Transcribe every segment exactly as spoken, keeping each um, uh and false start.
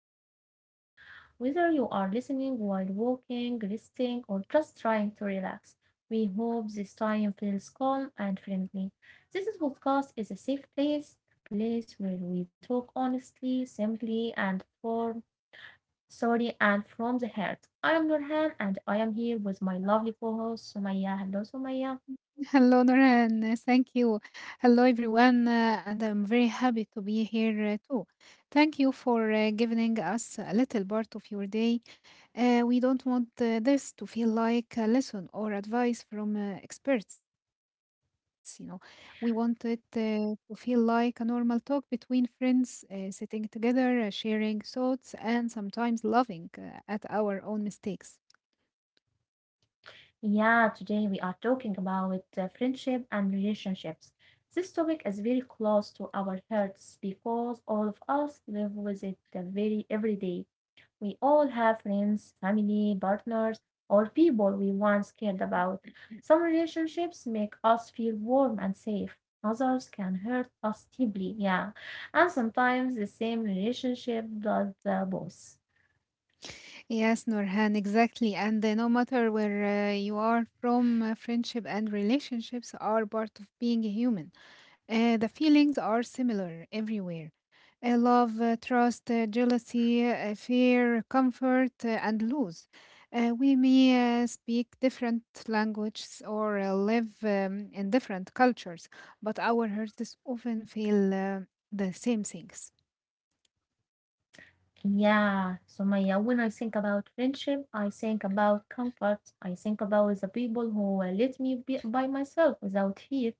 with us today. Whether you are listening while walking, resting, or just trying to relax, we hope this time feels calm and friendly. This is podcast is a safe place, a place where we talk honestly, simply, and for sorry and from the heart. I am Nurhan, and I am here with my lovely co-host Sumaya. Hello, Sumaya. Hello, Nora, and thank you. Hello, everyone, uh, and I'm very happy to be here uh, too. Thank you for uh, giving us a little part of your day. Uh, we don't want uh, this to feel like a lesson or advice from uh, experts, you know. We want it uh, to feel like a normal talk between friends, uh, sitting together, uh, sharing thoughts, and sometimes laughing uh, at our own mistakes. Yeah, today we are talking about uh, friendship and relationships. This topic is very close to our hearts because all of us live with it uh, very every day. We all have friends, family, partners, or people we once cared about. Some relationships make us feel warm and safe. Others can hurt us deeply, yeah. And sometimes the same relationship does the both. Yes, Norhan, exactly. And uh, no matter where uh, you are from, uh, friendship and relationships are part of being human. Uh, the feelings are similar everywhere. Uh, love, uh, trust, uh, jealousy, uh, fear, comfort, uh, and lose. Uh, we may uh, speak different languages or uh, live um, in different cultures, but our hearts often feel uh, the same things. Yeah, so Maya, when I think about friendship, I think about comfort. I think about the people who uh, let me be by myself without fear.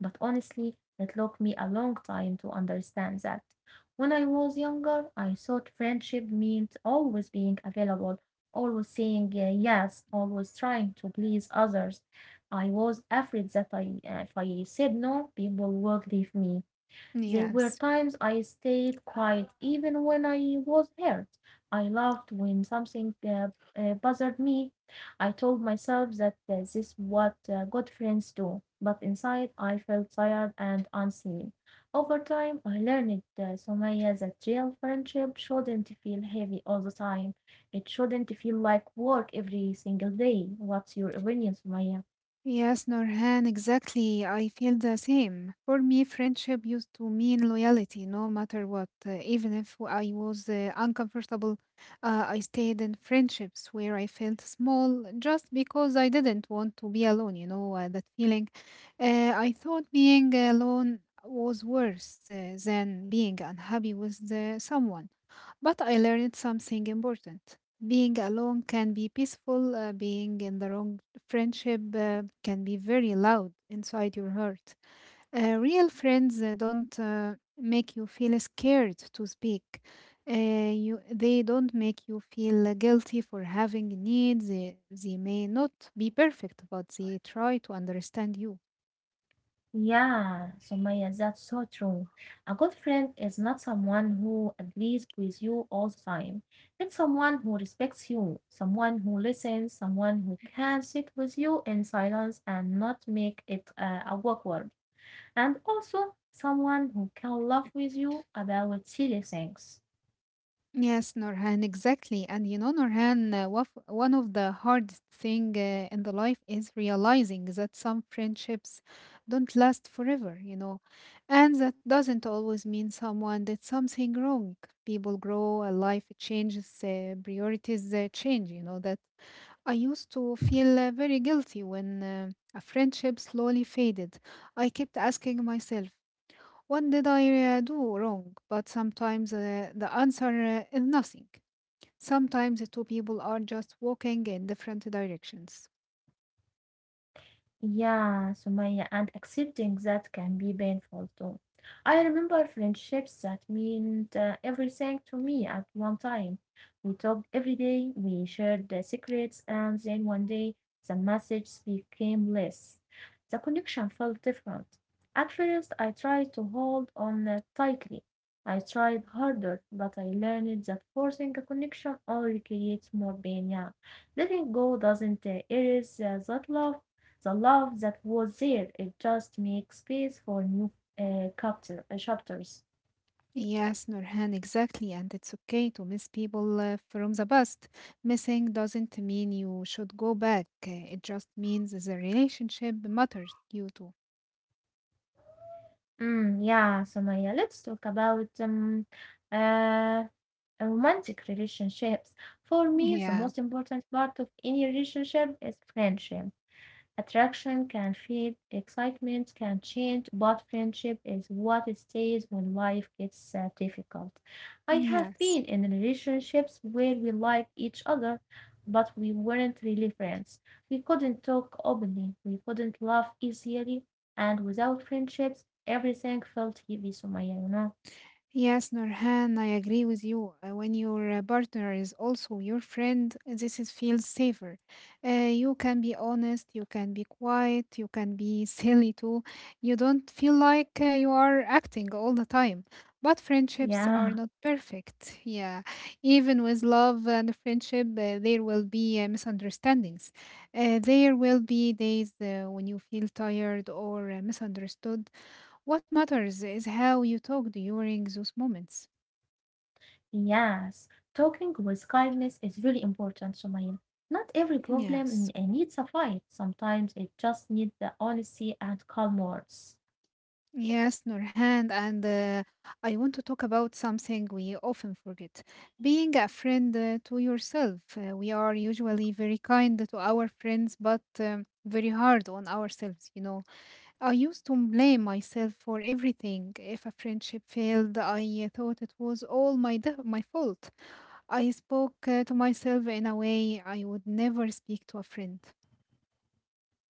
But honestly, it took me a long time to understand that. When I was younger, I thought friendship meant always being available, always saying uh, yes, always trying to please others. I was afraid that I, uh, if I said no, people would leave me. There were Yes. times I stayed quiet even when I was hurt. I laughed when something uh, uh, bothered me. I told myself that uh, this is what uh, good friends do, but inside I felt tired and unseen. Over time, I learned, uh, Somaya, that real friendship shouldn't feel heavy all the time. It shouldn't feel like work every single day. What's your opinion, Somaya? Yes, Norhan, exactly. I feel the same. For me, friendship used to mean loyalty no matter what. Uh, even if I was uh, uncomfortable, uh, I stayed in friendships where I felt small just because I didn't want to be alone, you know, uh, that feeling. Uh, I thought being alone was worse uh, than being unhappy with the, someone. But I learned something important. Being alone can be peaceful, uh, being in the wrong friendship uh, can be very loud inside your heart. Uh, real friends uh, don't uh, make you feel scared to speak. Uh, you, they don't make you feel uh, guilty for having needs. They, they may not be perfect, but they try to understand you. Yeah, Sumaya, that's so true. A good friend is not someone who agrees with you all the time. It's someone who respects you, someone who listens, someone who can sit with you in silence and not make it uh, awkward, and also someone who can laugh with you about silly things. Yes, Norhan, exactly. And you know, Norhan, uh, waf- one of the hardest thing uh, in the life is realizing that some friendships don't last forever, you know. And that doesn't always mean someone did something wrong. People grow, uh, life changes, uh, priorities uh, change, you know, that I used to feel uh, very guilty when uh, a friendship slowly faded. I kept asking myself, what did I uh, do wrong? But sometimes uh, the answer uh, is nothing. Sometimes the two people are just walking in different directions. Yeah, Sumaya, and accepting that can be painful too. I remember friendships that meant uh, everything to me at one time. We talked every day, we shared the secrets, and then one day the messages became less. The connection felt different. At first, I tried to hold on uh, tightly. I tried harder, but I learned that forcing a connection only creates more pain. Yeah, letting go doesn't uh, erase uh, that love the love that was there, it just makes space for new uh, chapter, uh, chapters. Yes, Nurhan, exactly. And it's okay to miss people uh, from the past. Missing doesn't mean you should go back, uh, it just means the relationship matters to you too. Mm, yeah, Samaya, let's talk about um, uh, romantic relationships. For me, the most Yeah, important part of any relationship is friendship. Attraction can fade, excitement can change, but friendship is what stays when life gets uh, difficult. I have been yes. in relationships where we liked each other, but we weren't really friends. We couldn't talk openly, we couldn't laugh easily, and without friendships, everything felt heavy, Sumaya, you know? Yes, Nurhan, I agree with you. Uh, When your uh, partner is also your friend, uh, this is feels safer. Uh, you can be honest, you can be quiet, you can be silly too. You don't feel like uh, you are acting all the time. But friendships are Yeah. not perfect. Yeah, even with love and friendship, uh, there will be uh, misunderstandings. Uh, there will be days uh, when you feel tired or uh, misunderstood. What matters is how you talk during those moments. Yes, talking with kindness is really important, Sumail. Not every problem n- Yes. uh, needs a fight. Sometimes it just needs the honesty and calm words. Yes, Nurhan, and uh, I want to talk about something we often forget. Being a friend uh, to yourself. Uh, we are usually very kind to our friends, but um, very hard on ourselves, you know. I used to blame myself for everything. If a friendship failed, I thought it was all my, de- my fault. I spoke uh, to myself in a way I would never speak to a friend.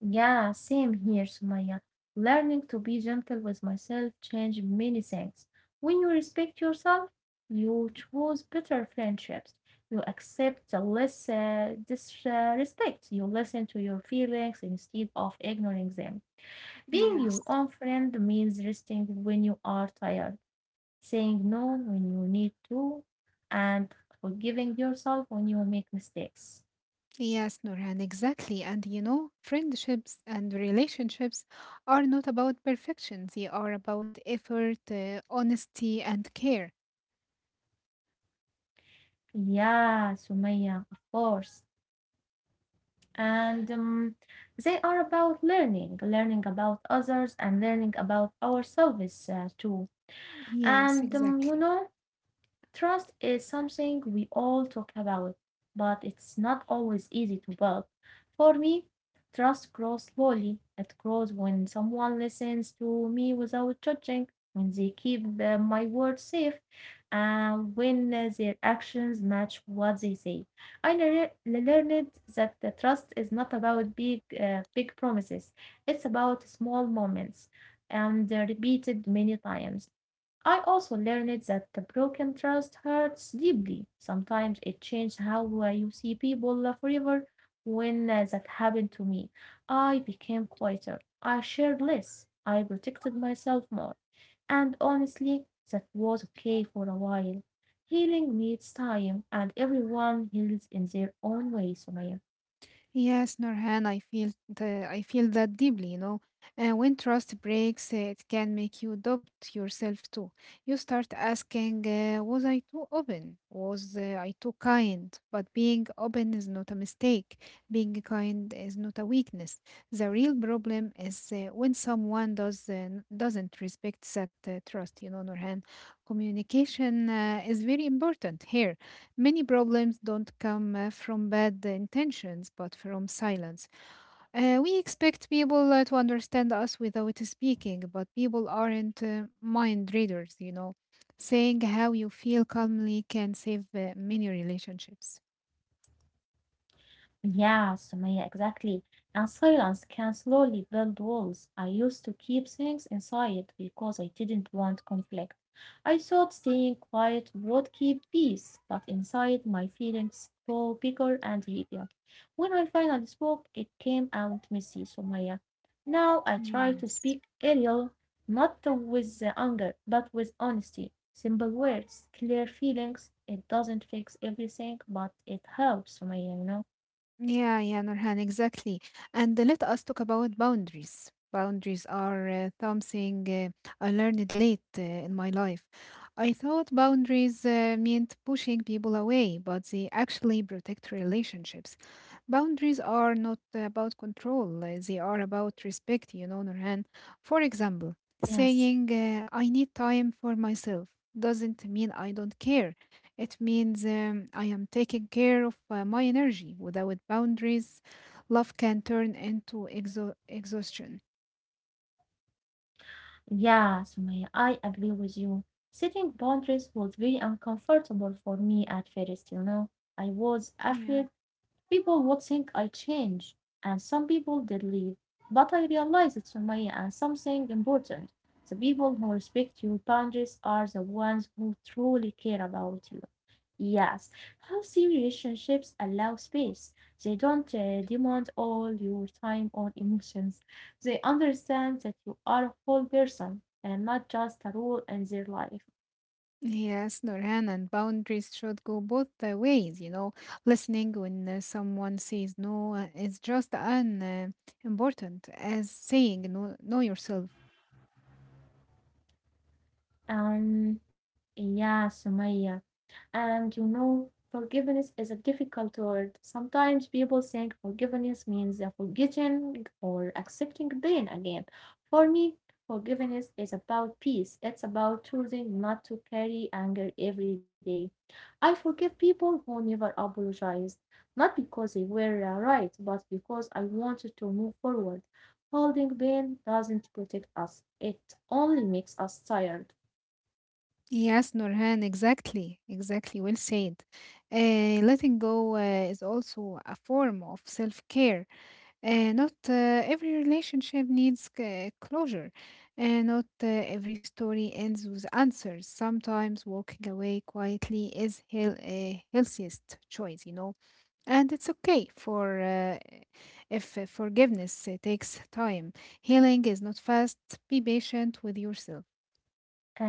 Yeah, same here, Sumaya. Learning to be gentle with myself changed many things. When you respect yourself, you choose better friendships. You accept the less uh, disrespect. You listen to your feelings instead of ignoring them. Being Yes. your own friend means resting when you are tired, saying no when you need to, and forgiving yourself when you make mistakes. Yes, Nurhan, exactly. And you know, friendships and relationships are not about perfection. They are about effort, uh, honesty, and care. Yeah, Sumaya, of course. And um, they are about learning, learning about others and learning about ourselves uh, too. Yes, And um, you exactly. know, trust is something we all talk about, but it's not always easy to build. For me, trust grows slowly. It grows when someone listens to me without judging, when they keep uh, my words safe, and when uh, their actions match what they say. I lear- learned that the trust is not about big, uh, big promises. It's about small moments and uh, repeated many times. I also learned that the broken trust hurts deeply. Sometimes it changes how uh, you see people uh, forever. When uh, that happened to me, I became quieter. I shared less. I protected myself more. And honestly, that was okay for a while. Healing needs time, and everyone heals in their own way, Sumaya. Yes, Norhan, I feel the, I feel that deeply, you know. And when trust breaks, uh, it can make you doubt yourself too. You start asking, uh, was I too open? Was uh, I too kind? But being open is not a mistake. Being kind is not a weakness. The real problem is uh, when someone does uh, doesn't respect that uh, trust, you know, Norhan. Communication uh, is very important here. Many problems don't come uh, from bad intentions, but from silence. Uh, we expect people uh, to understand us without speaking, but people aren't uh, mind readers, you know. Saying how you feel calmly can save uh, many relationships. Yeah, Sumaya, exactly. And silence can slowly build walls. I used to keep things inside because I didn't want conflict. I thought staying quiet would keep peace, but inside my feelings grow bigger and heavier. When I finally spoke, it came out messy, Sumaya. Now I try to Yes. speak Ariel, not with uh, anger, but with honesty. Simple words, clear feelings. It doesn't fix everything, but it helps, Sumaya, you know. Yeah, yeah, Nurhan, exactly. And let us talk about boundaries. Boundaries are uh, something uh, I learned late uh, in my life. I thought boundaries uh, meant pushing people away, but they actually protect relationships. Boundaries are not about control, uh, they are about respect, you know, Nurhan. For example, Yes, saying, uh, I need time for myself doesn't mean I don't care. It means um, I am taking care of uh, my energy. Without boundaries, love can turn into exo- exhaustion. yeah, Sumaya, I agree with you. Setting boundaries was very uncomfortable for me at first, you know. I was afraid Yeah. people would think I changed, and some people did leave. But I realized, it's Sumaya, and something important. The people who respect your boundaries are the ones who truly care about you. Yes, healthy relationships allow space. They don't uh, demand all your time or emotions. They understand that you are a whole person and not just a role in their life. Yes, Nurhan, and boundaries should go both the ways, you know. Listening when uh, someone says no uh, is just an uh, important as saying no, know yourself. Um, yeah, Sumaya. And you know, forgiveness is a difficult word. Sometimes people think forgiveness means uh, forgetting or accepting pain again. For me, forgiveness is about peace. It's about choosing not to carry anger every day. I forgive people who never apologized, not because they were uh, right, but because I wanted to move forward. Holding pain doesn't protect us. It only makes us tired. Yes, Nurhan, exactly, exactly, well said. Uh, letting go uh, is also a form of self-care. Uh, not uh, every relationship needs c- closure. Uh, not uh, every story ends with answers. Sometimes walking away quietly is hell a healthiest choice, you know. And it's okay for uh, if uh, forgiveness uh, takes time. Healing is not fast. Be patient with yourself.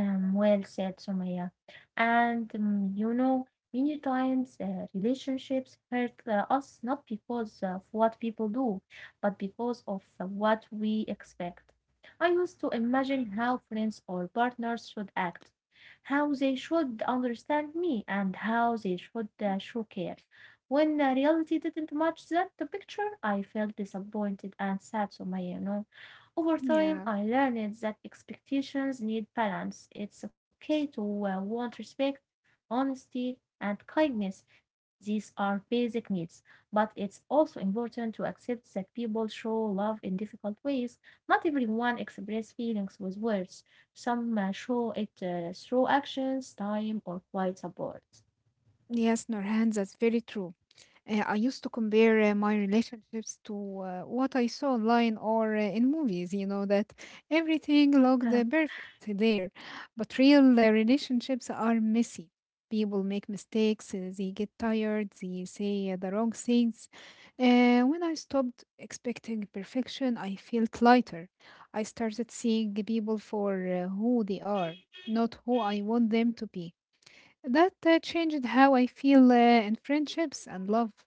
Um, well said, Sumaya. And um, you know, many times uh, relationships hurt uh, us not because of what people do, but because of uh, what we expect. I used to imagine how friends or partners should act, how they should understand me, and how they should uh, show care. When uh, reality didn't match that picture, I felt disappointed and sad, Sumaya, you know. Over time, Yeah. I learned that expectations need balance. It's okay to uh, want respect, honesty, and kindness. These are basic needs. But it's also important to accept that people show love in difficult ways. Not everyone expresses feelings with words. Some uh, show it uh, through actions, time, or quiet support. Yes, Norhan, that's very true. Uh, I used to compare uh, my relationships to uh, what I saw online or uh, in movies, you know, that everything looked uh, perfect there. But real uh, relationships are messy. People make mistakes, uh, they get tired, they say uh, the wrong things. Uh, when I stopped expecting perfection, I felt lighter. I started seeing people for uh, who they are, not who I want them to be. That uh, changed how I feel uh, in friendships and love.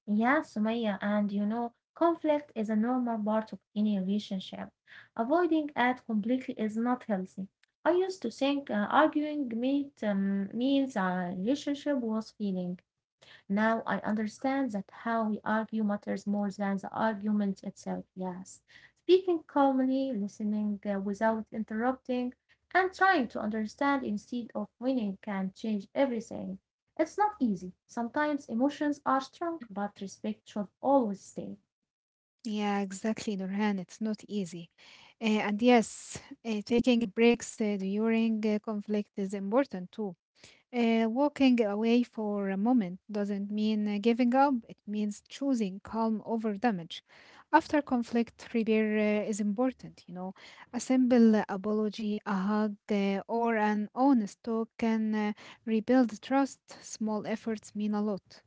Yeah, Sumaya, and you know, conflict is a normal part of any relationship. Avoiding it completely is not healthy. I used to think uh, arguing meant, um, means our relationship was failing, now I understand that how we argue matters more than the argument itself. Yes. Speaking calmly, listening uh, without interrupting, and trying to understand instead of winning can change everything. It's not easy. Sometimes emotions are strong, but respect should always stay. Yeah, exactly, Nurhan. It's not easy. Uh, and yes, uh, taking breaks uh, during uh, conflict is important too. Uh, walking away for a moment doesn't mean uh, giving up, it means choosing calm over damage. After conflict, repair uh, is important, you know. A simple apology, a hug, uh, or an honest talk can uh, rebuild trust, small efforts mean a lot.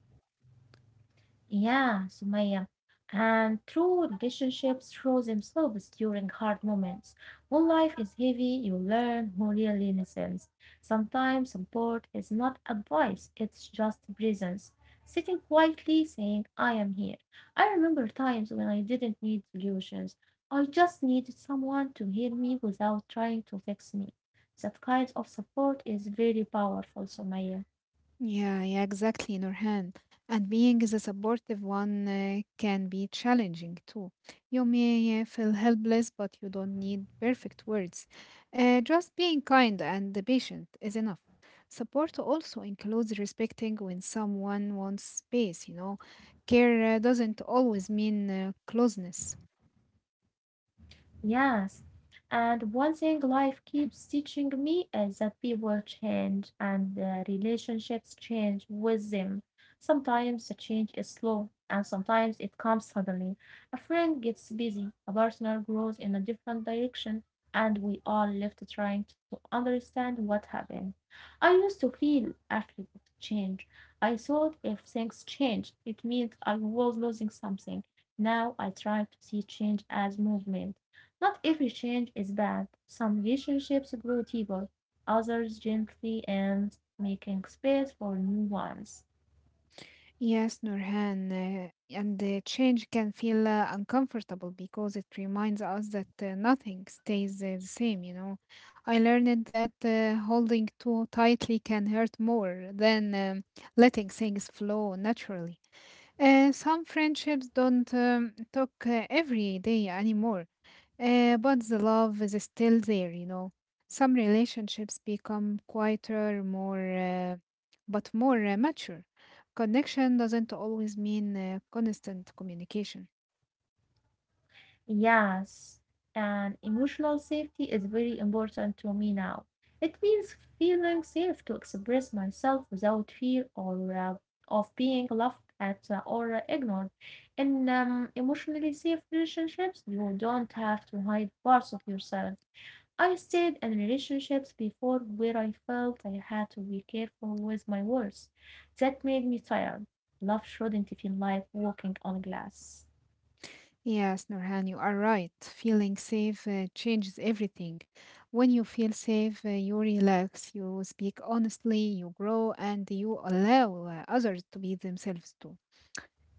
Yeah, Sumaya. And true relationships show themselves during hard moments. When life is heavy, you learn who really listens. Sometimes support is not advice, it's just presence. Sitting quietly saying, I am here. I remember times when I didn't need solutions. I just needed someone to hear me without trying to fix me. That kind of support is very powerful, Sumaya. Yeah, yeah, exactly, Nurhan. And being the supportive one uh, can be challenging too. You may uh, feel helpless, but you don't need perfect words. Uh, just being kind and patient is enough. Support also includes respecting when someone wants space, you know. Care uh, doesn't always mean uh, closeness. Yes. And one thing life keeps teaching me is that people change and the relationships change with them. Sometimes the change is slow and sometimes it comes suddenly. A friend gets busy, a partner grows in a different direction, and we are left trying to understand what happened. I used to feel afraid of change. I thought if things changed, it meant I was losing something. Now I try to see change as movement not every change is bad. Some relationships grow deeper, others gently end, making space for new ones. Yes, Nurhan, uh, and the change can feel uh, uncomfortable because it reminds us that uh, nothing stays uh, the same, you know. I learned that uh, holding too tightly can hurt more than um, letting things flow naturally. Uh, some friendships don't um, talk uh, every day anymore, uh, but the love is still there, you know. Some relationships become quieter, more, uh, but more uh, mature. Connection doesn't always mean uh, constant communication. Yes, and emotional safety is very important to me now. It means feeling safe to express myself without fear or uh, of being laughed at uh, or ignored. In um, emotionally safe relationships, you don't have to hide parts of yourself. I stayed in relationships before where I felt I had to be careful with my words. That made me tired. Love shouldn't feel like walking on glass. Yes, Nurhan, you are right. Feeling safe uh, changes everything. When you feel safe, uh, you relax, you speak honestly, you grow, and you allow uh, others to be themselves too.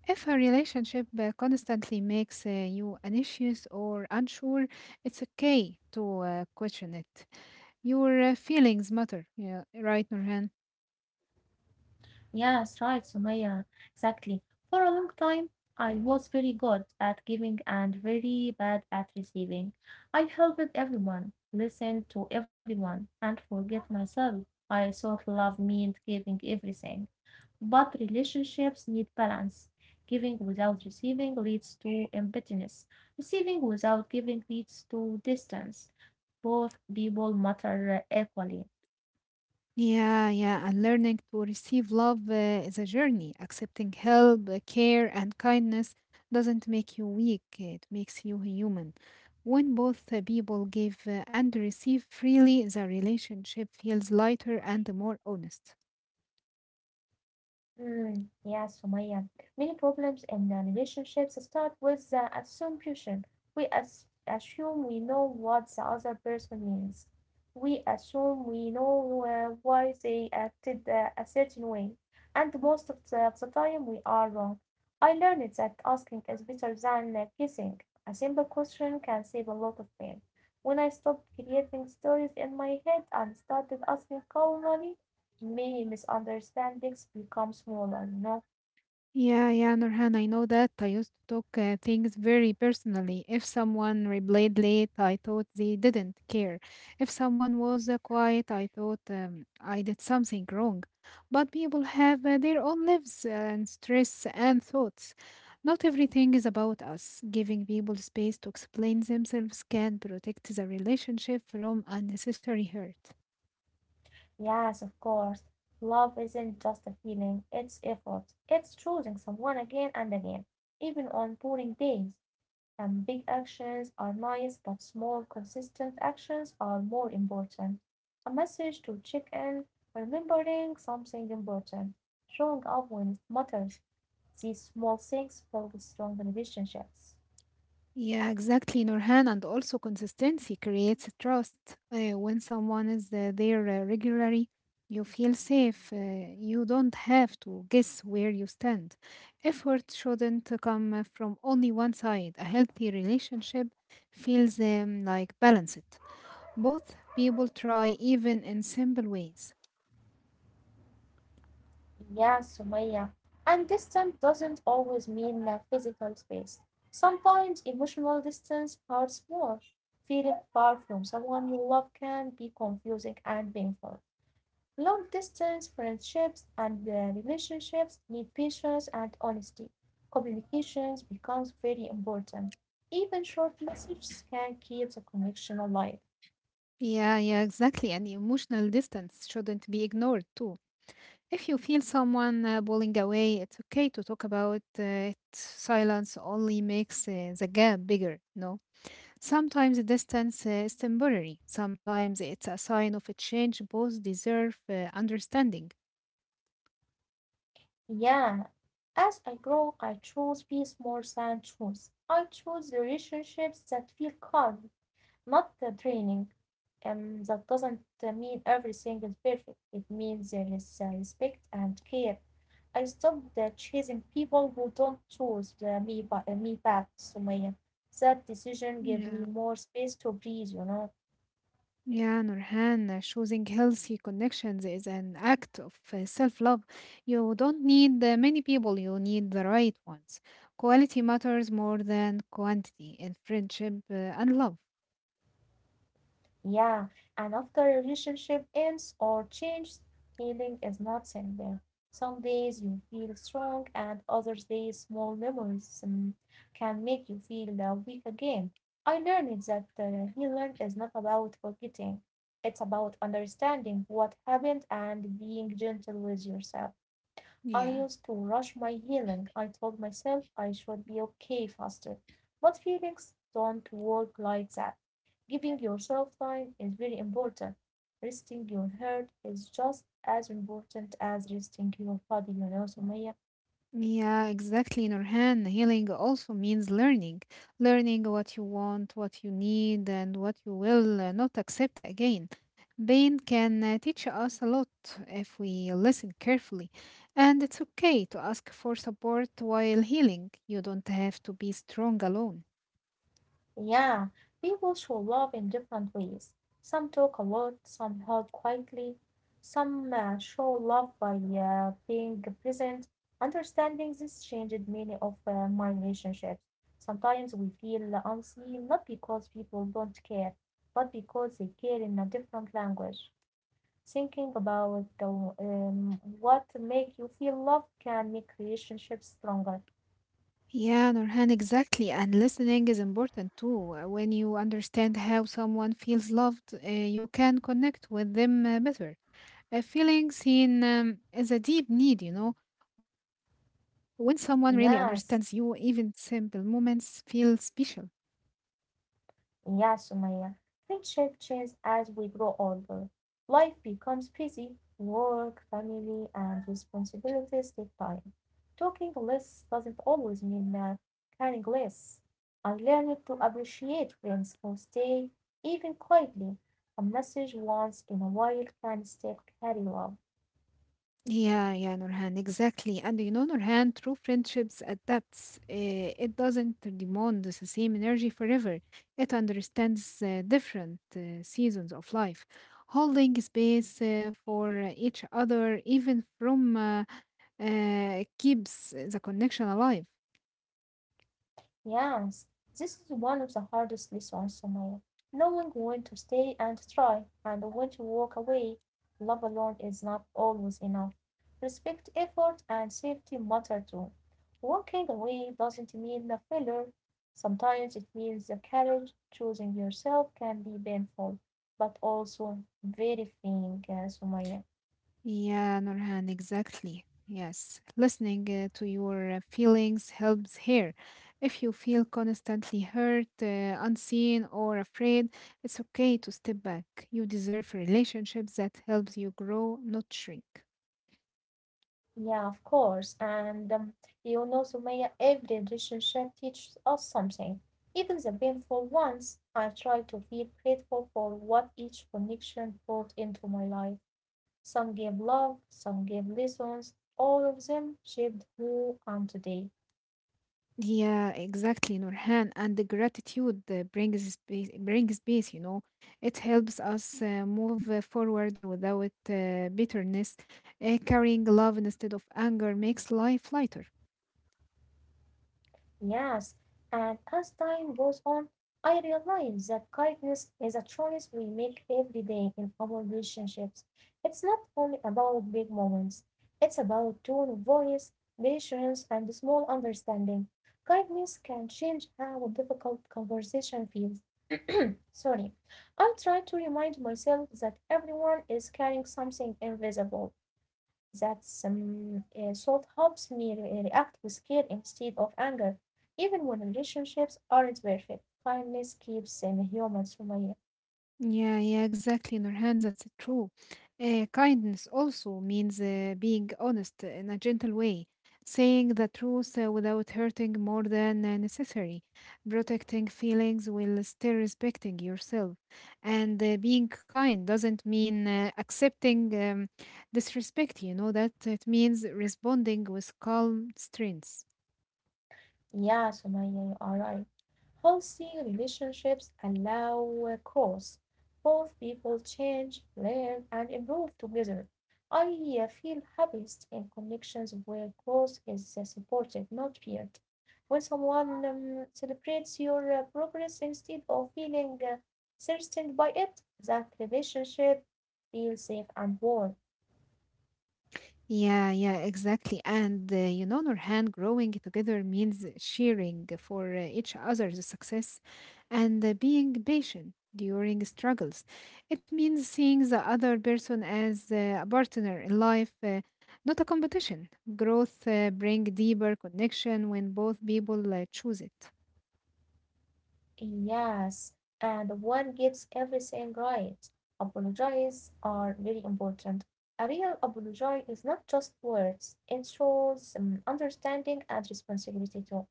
If a relationship uh, constantly makes uh, you anxious or unsure, it's okay to uh, question it. Your uh, feelings matter, yeah, right, Nurhan? Yes, right, Sumaya. Exactly. For a long time, I was very good at giving and very bad at receiving. I helped everyone, listened to everyone, and forget myself. I thought love meant giving everything. But relationships need balance. Giving without receiving leads to emptiness. Receiving without giving leads to distance. Both people matter equally. Yeah, yeah, and learning to receive love uh, is a journey. Accepting help, uh, care, and kindness doesn't make you weak, it makes you human. When both uh, people give uh, and receive freely, the relationship feels lighter and more honest. Mm, yes, Sumaya. Many problems in uh, relationships start with the assumption. We as assume we know what the other person means. We assume we know uh, why they acted uh, a certain way. And most of the, of the time, we are wrong. I learned that asking is better than uh, guessing. A simple question can save a lot of pain. When I stopped creating stories in my head and started asking calmly, many misunderstandings become smaller, you know. Yeah, yeah, Nurhan, I know that. I used to talk uh, things very personally. If someone replied late, I thought they didn't care. If someone was uh, quiet, I thought um, I did something wrong. But people have uh, their own lives and stress and thoughts. Not everything is about us. Giving people space to explain themselves can protect the relationship from unnecessary hurt. Yes, of course. Love isn't just a feeling, it's effort. It's choosing someone again and again, even on boring days. And big actions are nice, but small, consistent actions are more important. A message to check in, remembering something important, showing up when it matters. These small things build strong relationships. Yeah, exactly, Nurhan. And also, consistency creates trust. Uh, when someone is uh, there uh, regularly, you feel safe. Uh, you don't have to guess where you stand. Effort shouldn't come uh, from only one side. A healthy relationship feels um, like balanced. Both people try, even in simple ways. Yeah, Sumaya. And distance doesn't always mean a physical space. Sometimes emotional distance hurts more. Feeling far from someone you love can be confusing and painful. Long distance friendships and uh, relationships need patience and honesty. Communications becomes very important. Even short messages can keep the connection alive. Yeah, yeah, exactly. And emotional distance shouldn't be ignored too. If you feel someone uh, pulling away, it's okay to talk about uh, it. Silence only makes uh, the gap bigger, no. Sometimes the distance uh, is temporary. Sometimes it's a sign of a change. Both deserve uh, understanding. Yeah, as I grow, I choose peace more than truth. I choose relationships that feel calm, not the draining. Um, that doesn't uh, mean everything is perfect. It means there is uh, respect and care. I stopped uh, chasing people who don't choose uh, me, ba- uh, me back, Sumaya. That decision gave me Yeah, more space to breathe, you know. yeah, Nurhan, uh, choosing healthy connections is an act of uh, self-love. You don't need uh, many people, you need the right ones. Quality matters more than quantity in friendship uh, and love. Yeah, and after a relationship ends or changes, healing is not simple. Some days you feel strong, and other days small memories um, can make you feel uh, weak again. I learned that uh, healing is not about forgetting, it's about understanding what happened and being gentle with yourself. I Yeah. used to rush my healing. I told myself I should be okay faster, but feelings don't work like that. Giving yourself time is very important. Resting your heart is just as important as resting your body, you know, Sumaya. Yeah, exactly, Nurhan. Healing also means learning, learning what you want, what you need, and what you will uh, not accept again. Pain can uh, teach us a lot if we listen carefully, and it's okay to ask for support while healing. You don't have to be strong alone. Yeah, people show love in different ways. Some talk a lot, some help quietly, some uh, show love by uh, being present. Understanding this changed many of uh, my relationships. Sometimes we feel unseen not because people don't care, but because they care in a different language. Thinking about the, um, what make you feel loved can make relationships stronger. Yeah, Nurhan, exactly. And listening is important too. Uh, When you understand how someone feels loved, uh, you can connect with them uh, better. Uh, feeling seen um, is a deep need, you know. When someone really understands you, Yes. even simple moments feel special. And yeah, Sumaya, friendship changes as we grow older. Life becomes busy, work, family, and responsibilities take time. Talking less doesn't always mean uh, caring less. I learned to appreciate friends who stay, even quietly. A message once in a while can still carry love. Yeah, yeah, Nurhan, exactly. And you know, Nurhan, true friendships adapts. Uh, it doesn't demand the same energy forever. It understands uh, different uh, seasons of life, holding space uh, for each other, even from uh, uh, keeps the connection alive. Yes, this is one of the hardest lessons, Sumaya. Knowing when to stay and try, and when to walk away. Love alone is not always enough. Respect, effort, and safety matter too. Walking away doesn't mean a failure. Sometimes it means the courage. Choosing yourself can be painful, but also very freeing, uh, Sumaya. Yeah, Nurhan, exactly. Yes, listening uh, to your uh, feelings helps here. If you feel constantly hurt, uh, unseen, or afraid, it's okay to step back. You deserve relationships that helps you grow, not shrink. Yeah, of course. And um, you know, Sumaya, every relationship teaches us something, even the painful ones. I try to feel grateful for what each connection brought into my life. Some gave love, some gave lessons. All of them shaped who I am today. Yeah, exactly, Nurhan. And the gratitude uh, brings peace, brings peace, you know. It helps us uh, move uh, forward without uh, bitterness. Uh, carrying love instead of anger makes life lighter. Yes, and as time goes on, I realize that kindness is a choice we make every day in our relationships. It's not only about big moments, it's about tone of voice, patience, and small understanding. Kindness can change how a difficult conversation feels. Sorry. I try to remind myself that everyone is carrying something invisible. That um, uh, salt helps me re- react with care instead of anger. Even when relationships aren't perfect, kindness keeps them human, Sumaya. Yeah, yeah, exactly, Nurhan. That's true. Uh, kindness also means uh, being honest in a gentle way, saying the truth uh, without hurting more than uh, necessary, protecting feelings while still respecting yourself. And uh, being kind doesn't mean uh, accepting um, disrespect, you know that it means responding with calm strength. Yeah, Sumaya, you are right. Healthy relationships allow uh, growth. Both people change, learn, and improve together. I uh, feel happiest in connections where growth is uh, supported, not feared. When someone um, celebrates your uh, progress instead of feeling uh, threatened by it, that relationship feels safe and warm. Yeah, yeah, exactly. And uh, you know, Nurhan, growing together means sharing for uh, each other's success and uh, being patient during struggles. It means seeing the other person as uh, a partner in life, uh, not a competition. Growth uh, bring deeper connection when both people uh, choose it. Yes, and one gets everything right. Apologies are very important. A real apology is not just words, it shows um, understanding and responsibility too.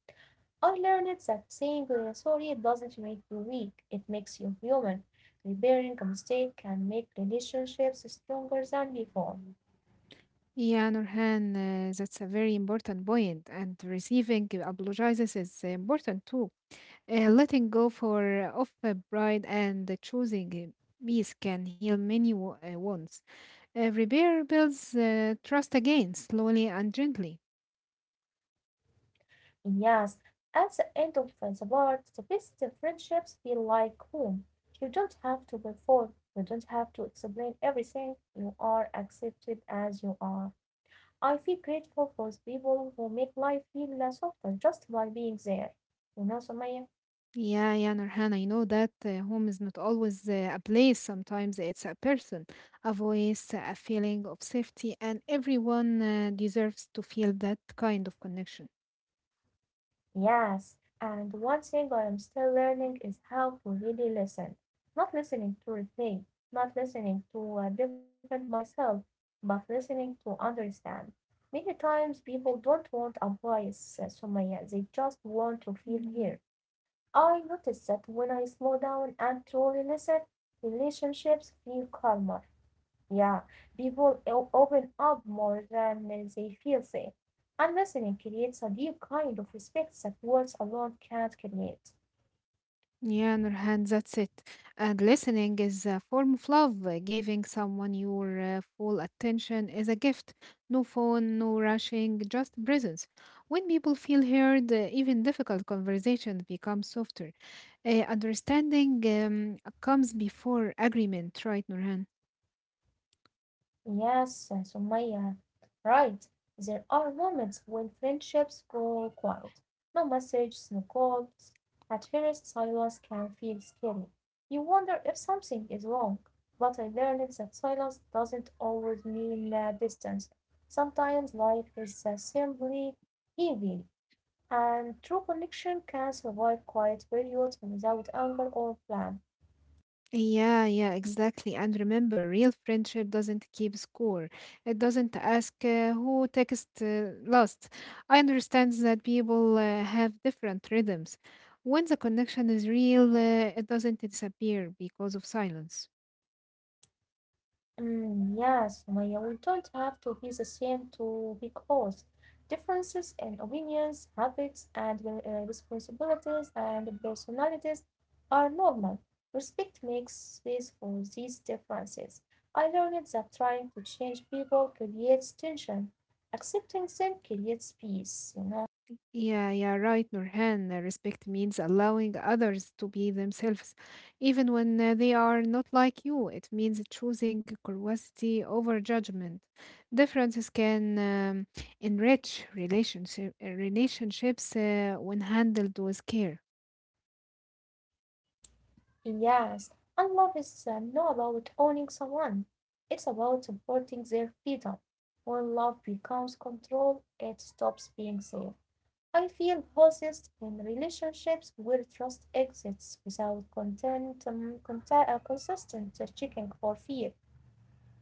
I learned that saying uh, sorry doesn't make you weak, it makes you human. Repairing a mistake can make relationships stronger than before. Yeah, Nurhan, uh, that's a very important point, and receiving apologizes is important too. Uh, letting go for of a pride and the choosing a peace can heal many wo- uh, wounds. Uh, repair builds uh, trust again, slowly and gently. And yes, at the end of uh, the part, the best friendships feel like home. You don't have to perform, you don't have to explain everything. You are accepted as you are. I feel grateful for the people who make life feel uh, softer just by being there. You know, Sumaya? Yeah, yeah, Nurhan, I know that uh, home is not always uh, a place. Sometimes it's a person, a voice, a feeling of safety, and everyone uh, deserves to feel that kind of connection. Yes, and one thing I am still learning is how to really listen. Not listening to replay, not listening to uh, defend myself, but listening to understand. Many times people don't want advice, uh, Sumaya, they just want to feel heard. I noticed that when I slow down and truly listen, relationships feel calmer. Yeah, people o- open up more than they feel safe. And listening creates a deep kind of respect that words alone can't create. Yeah, Nurhan, that's it. And listening is a form of love. Uh, Giving someone your uh, full attention is a gift. No phone, no rushing, just presence. When people feel heard, uh, even difficult conversations become softer. Uh, understanding um, comes before agreement, right, Nurhan? Yes, uh, Sumaya, right. There are moments when friendships go quiet. No messages, no calls. At first, silence can feel scary. You wonder if something is wrong. But I learned that silence doesn't always mean uh, distance. Sometimes life is uh, simply heavy. And true connection can survive quiet periods and without anger or blame. Yeah, yeah, exactly. And remember, real friendship doesn't keep score. It doesn't ask uh, who text uh, last. I understand that people uh, have different rhythms. When the connection is real, uh, it doesn't disappear because of silence. Mm, yes, Maya, we don't have to be the same to be close. Differences in opinions, habits, and re- uh, responsibilities and personalities are normal. Respect makes space for these differences. I learned that trying to change people creates tension. Accepting them creates peace, you know. Yeah, yeah, right, Nurhan. Uh, Respect means allowing others to be themselves, even when uh, they are not like you. It means choosing curiosity over judgment. Differences can um, enrich relationship, uh, relationships uh, when handled with care. Yes, and love is uh, not about owning someone. It's about supporting their freedom. When love becomes control, it stops being safe. I feel hosed in relationships where trust exists without content, um, content, uh, consistent uh, checking for fear.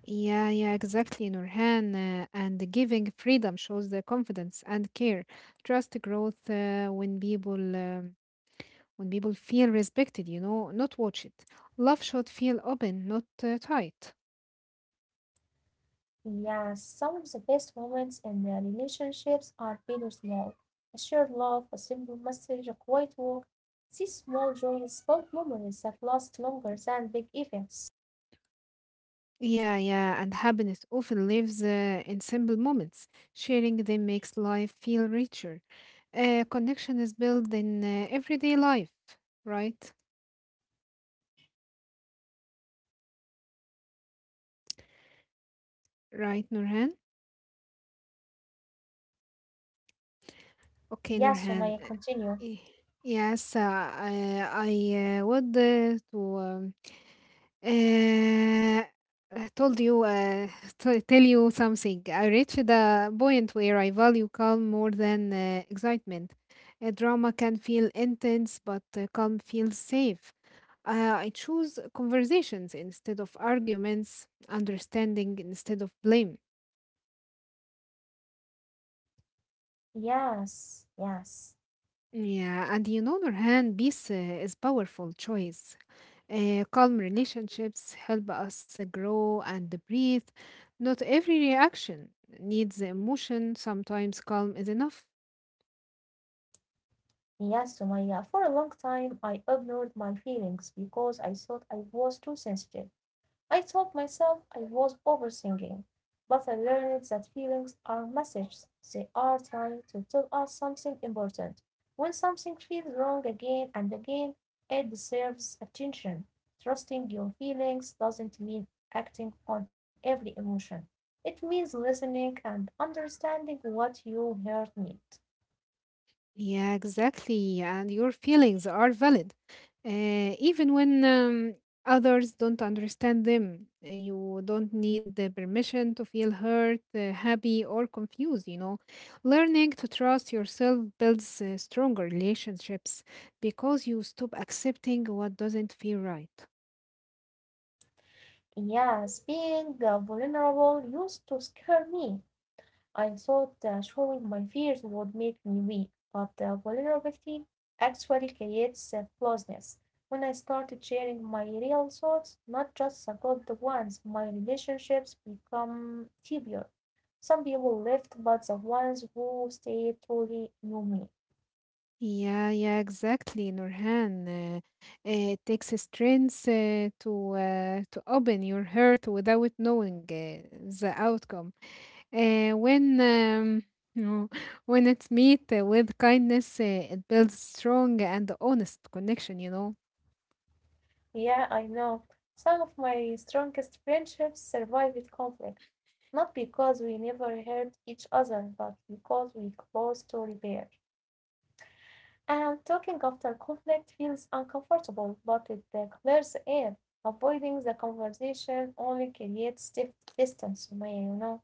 Yeah, yeah, exactly, Nurhan. Uh, and giving freedom shows the confidence and care. Trust growth uh, when people. um When people feel respected, you know, not watched. Love should feel open, not uh, tight. Yeah, some of the best moments in their relationships are big or small. A shared laugh, a simple message, a quiet walk. These small joys build memories that last longer than big events. Yeah, yeah, and happiness often lives uh, in simple moments. Sharing them makes life feel richer. Uh, connection is built in uh, everyday life, right? Right, Nurhan? Okay, Yes, Nurhan. Sumaya, Uh, continue. y- Yes, uh, I, uh, I uh, would uh, to. Um, Uh, told you, uh, t- tell you something. I reached the point where I value calm more than uh, excitement. A drama can feel intense, but uh, calm feels safe. Uh, I choose conversations instead of arguments, understanding instead of blame. Yes, yes. Yeah, and you know, on other hand, peace uh, is powerful choice. Uh, calm relationships help us uh, grow and breathe. Not every reaction needs emotion. Sometimes calm is enough. Yes, Sumaya. For a long time, I ignored my feelings because I thought I was too sensitive. I told myself I was overthinking, but I learned that feelings are messages; they are trying to tell us something important. When something feels wrong again and again, it deserves attention. Trusting your feelings doesn't mean acting on every emotion. It means listening and understanding what your heart needs. Yeah, exactly. And your feelings are valid. Uh, even when um, others don't understand them, you don't need the permission to feel hurt, uh, happy, or confused, you know. Learning to trust yourself builds uh, stronger relationships because you stop accepting what doesn't feel right. Yes, being uh, vulnerable used to scare me. I thought uh, showing my fears would make me weak, but uh, vulnerability actually creates uh, closeness. When I started sharing my real thoughts, not just second ones, my relationships become deeper. Some people left, but the ones who stayed truly knew me. Yeah, yeah, exactly, Nurhan. Uh, it takes a strength uh, to uh, to open your heart without knowing uh, the outcome. Uh, when um, no, when it's meet uh, with kindness, uh, it builds strong and honest connection. You know. Yeah, I know. Some of my strongest friendships survived conflict, not because we never hurt each other, but because we close to repair. And talking after conflict feels uncomfortable, but it uh, clears the air. Avoiding the conversation only creates stiff distance, Sumaya, you know.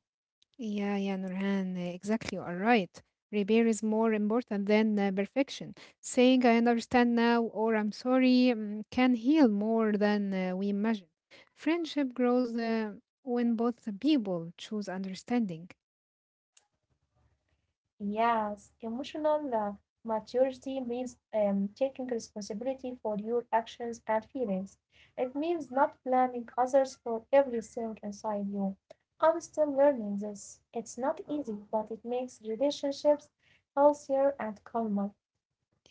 Yeah, yeah, Nurhan, uh, exactly. You are right. Repair is more important than uh, perfection. Saying "I understand now" or "I'm sorry" um, can heal more than uh, we imagine. Friendship grows uh, when both people choose understanding. Yes, emotional uh, maturity means um, taking responsibility for your actions and feelings. It means not blaming others for everything inside you. I'm still learning this. It's not easy, but it makes relationships healthier and calmer.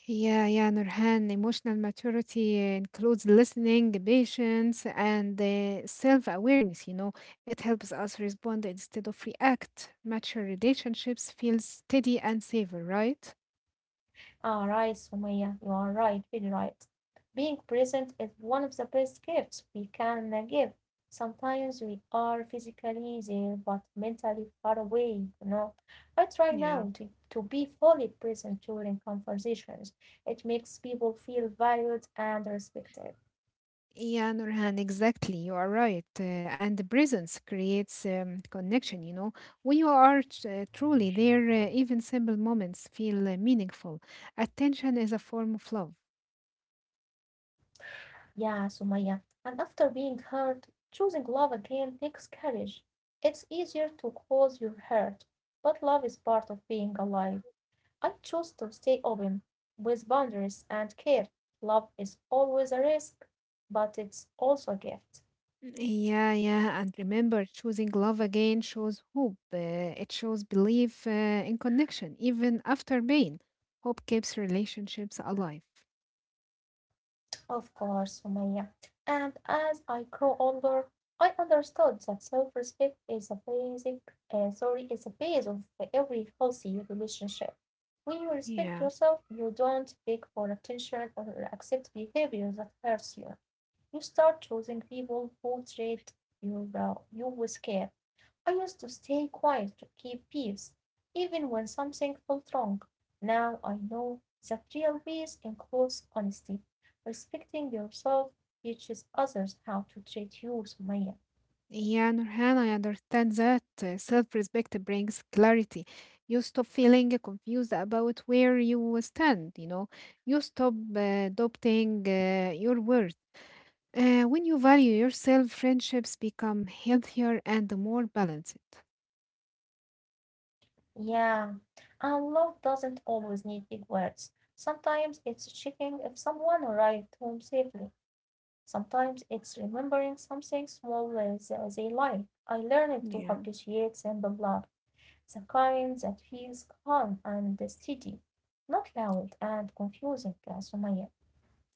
Yeah, yeah, Nurhan, emotional maturity includes listening, patience, and uh, self awareness. You know, it helps us respond instead of react. Mature relationships feel steady and safe, right? Ah, right, Sumaya, you are right, very right. Being present is one of the best gifts we can uh, give. Sometimes we are physically there but mentally far away, you know. I try Yeah. now to, to be fully present during conversations. It makes people feel valued and respected. Yeah, Nurhan, exactly. You are right. Uh, and the presence creates um, connection, you know. When you are tr- uh, truly there, uh, even simple moments feel uh, meaningful. Attention is a form of love. Yeah, Sumaya. And after being hurt, choosing love again takes courage. It's easier to close your heart, but love is part of being alive. I chose to stay open, with boundaries and care. Love is always a risk, but it's also a gift." Yeah, yeah. And remember, choosing love again shows hope. Uh, it shows belief uh, in connection, even after pain. Hope keeps relationships alive. "Of course, Sumaya, and as I grew older I understood that self respect is a basic uh, sorry, is a base of every healthy relationship. When you respect Yeah. yourself, you don't beg for attention or accept behavior that hurts you. You start choosing people who treat you well, you with care. I used to stay quiet to keep peace, even when something felt wrong. Now I know that real peace includes honesty, respecting yourself teaches others how to treat you, Sumaya. Yeah, Nurhan, I understand that uh, self-respect brings clarity. You stop feeling confused about where you stand, you know. You stop uh, doubting uh, your worth. Uh, when you value yourself, friendships become healthier and more balanced. Yeah, and love doesn't always need big words. Sometimes it's checking if someone arrived home safely. Sometimes it's remembering something small as they like. I learned to Yeah. appreciate simple love, the kind that feels calm and steady, not loud and confusing, uh, Sumaya.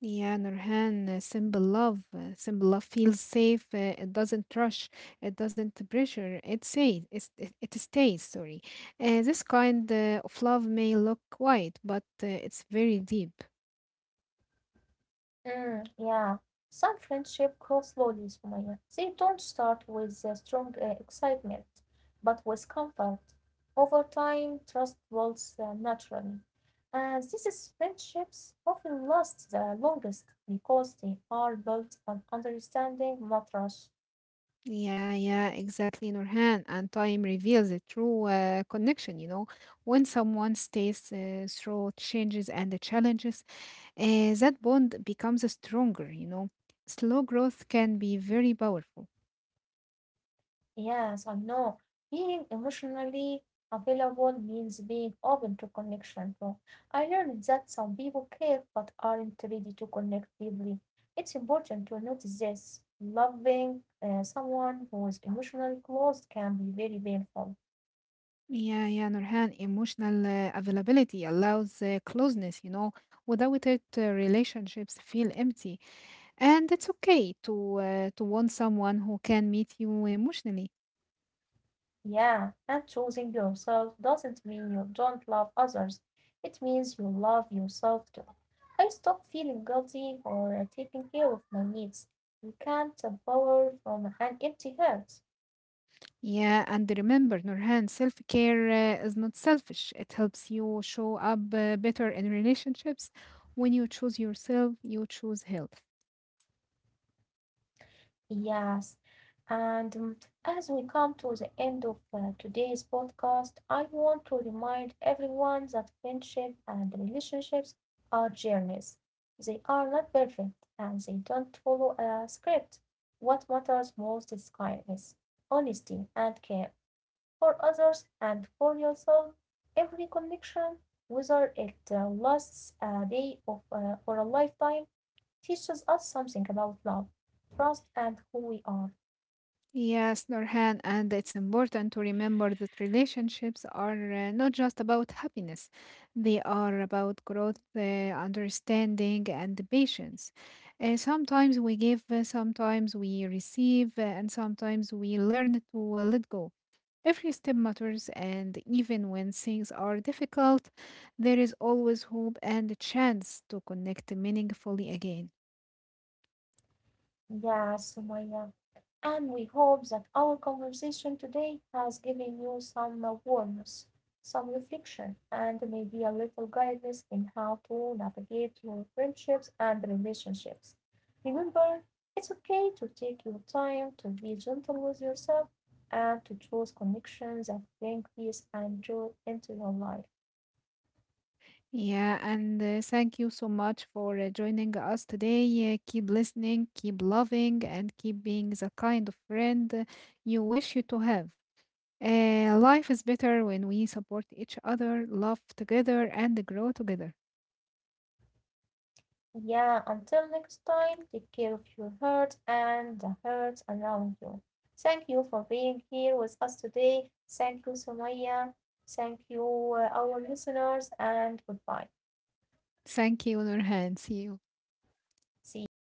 Yeah, Nurhan, uh, simple love. uh, Simple love feels safe. uh, It doesn't rush. It doesn't pressure. It stays. It's, it, it stays, sorry. Uh, this kind uh, of love may look quiet, but uh, it's very deep. Mm, yeah. Some friendships grow slowly, Sumaya. They don't start with uh, strong uh, excitement, but with comfort. Over time, trust builds uh, naturally. And this is friendships often last the longest because they are built on understanding, not rush. Yeah, yeah, exactly, Nurhan. And time reveals a true uh, connection, you know. When someone stays uh, through changes and the challenges, uh, that bond becomes stronger, you know. Slow growth can be very powerful. Yes, I know. Being emotionally available means being open to connection too. I learned that some people care but aren't ready to connect deeply. It's important to notice this. Loving uh, someone who is emotionally closed can be very painful. Yeah, yeah, Nurhan, emotional uh, availability allows uh, closeness, you know. Without it, uh, relationships feel empty, and it's okay to uh, to want someone who can meet you emotionally. Yeah, and choosing yourself doesn't mean you don't love others. It means you love yourself too. I stopped feeling guilty for uh, taking care of my needs. You can't uh, pour from an empty heart. Yeah, and remember, Nurhan, self-care uh, is not selfish. It helps you show up uh, better in relationships. When you choose yourself, you choose health. Yes, and um, as we come to the end of uh, today's podcast, I want to remind everyone that friendship and relationships are journeys. They are not perfect and they don't follow a script. What matters most is kindness, honesty, and care for others and for yourself. Every connection, whether it uh, lasts a day of, uh, or a lifetime, teaches us something about love, trust, and who we are. Yes, Norhan, and it's important to remember that relationships are uh, not just about happiness. They are about growth, uh, understanding, and patience. Uh, sometimes we give, uh, sometimes we receive, uh, and sometimes we learn to uh, let go. Every step matters, and even when things are difficult, there is always hope and a chance to connect meaningfully again. Yes, Sumaya. And we hope that our conversation today has given you some uh, warmth, some reflection, and maybe a little guidance in how to navigate your friendships and relationships. Remember, it's okay to take your time, to be gentle with yourself, and to choose connections that bring peace and joy into your life. Yeah, and uh, thank you so much for uh, joining us today. Uh, keep listening, keep loving, and keep being the kind of friend uh, you wish you to have. Uh, life is better when we support each other, love together, and grow together. Yeah, until next time, take care of your heart and the hearts around you. Thank you for being here with us today. Thank you, Somaya. Thank you, uh, our listeners, and goodbye. Thank you, Nurhan. See you. See you.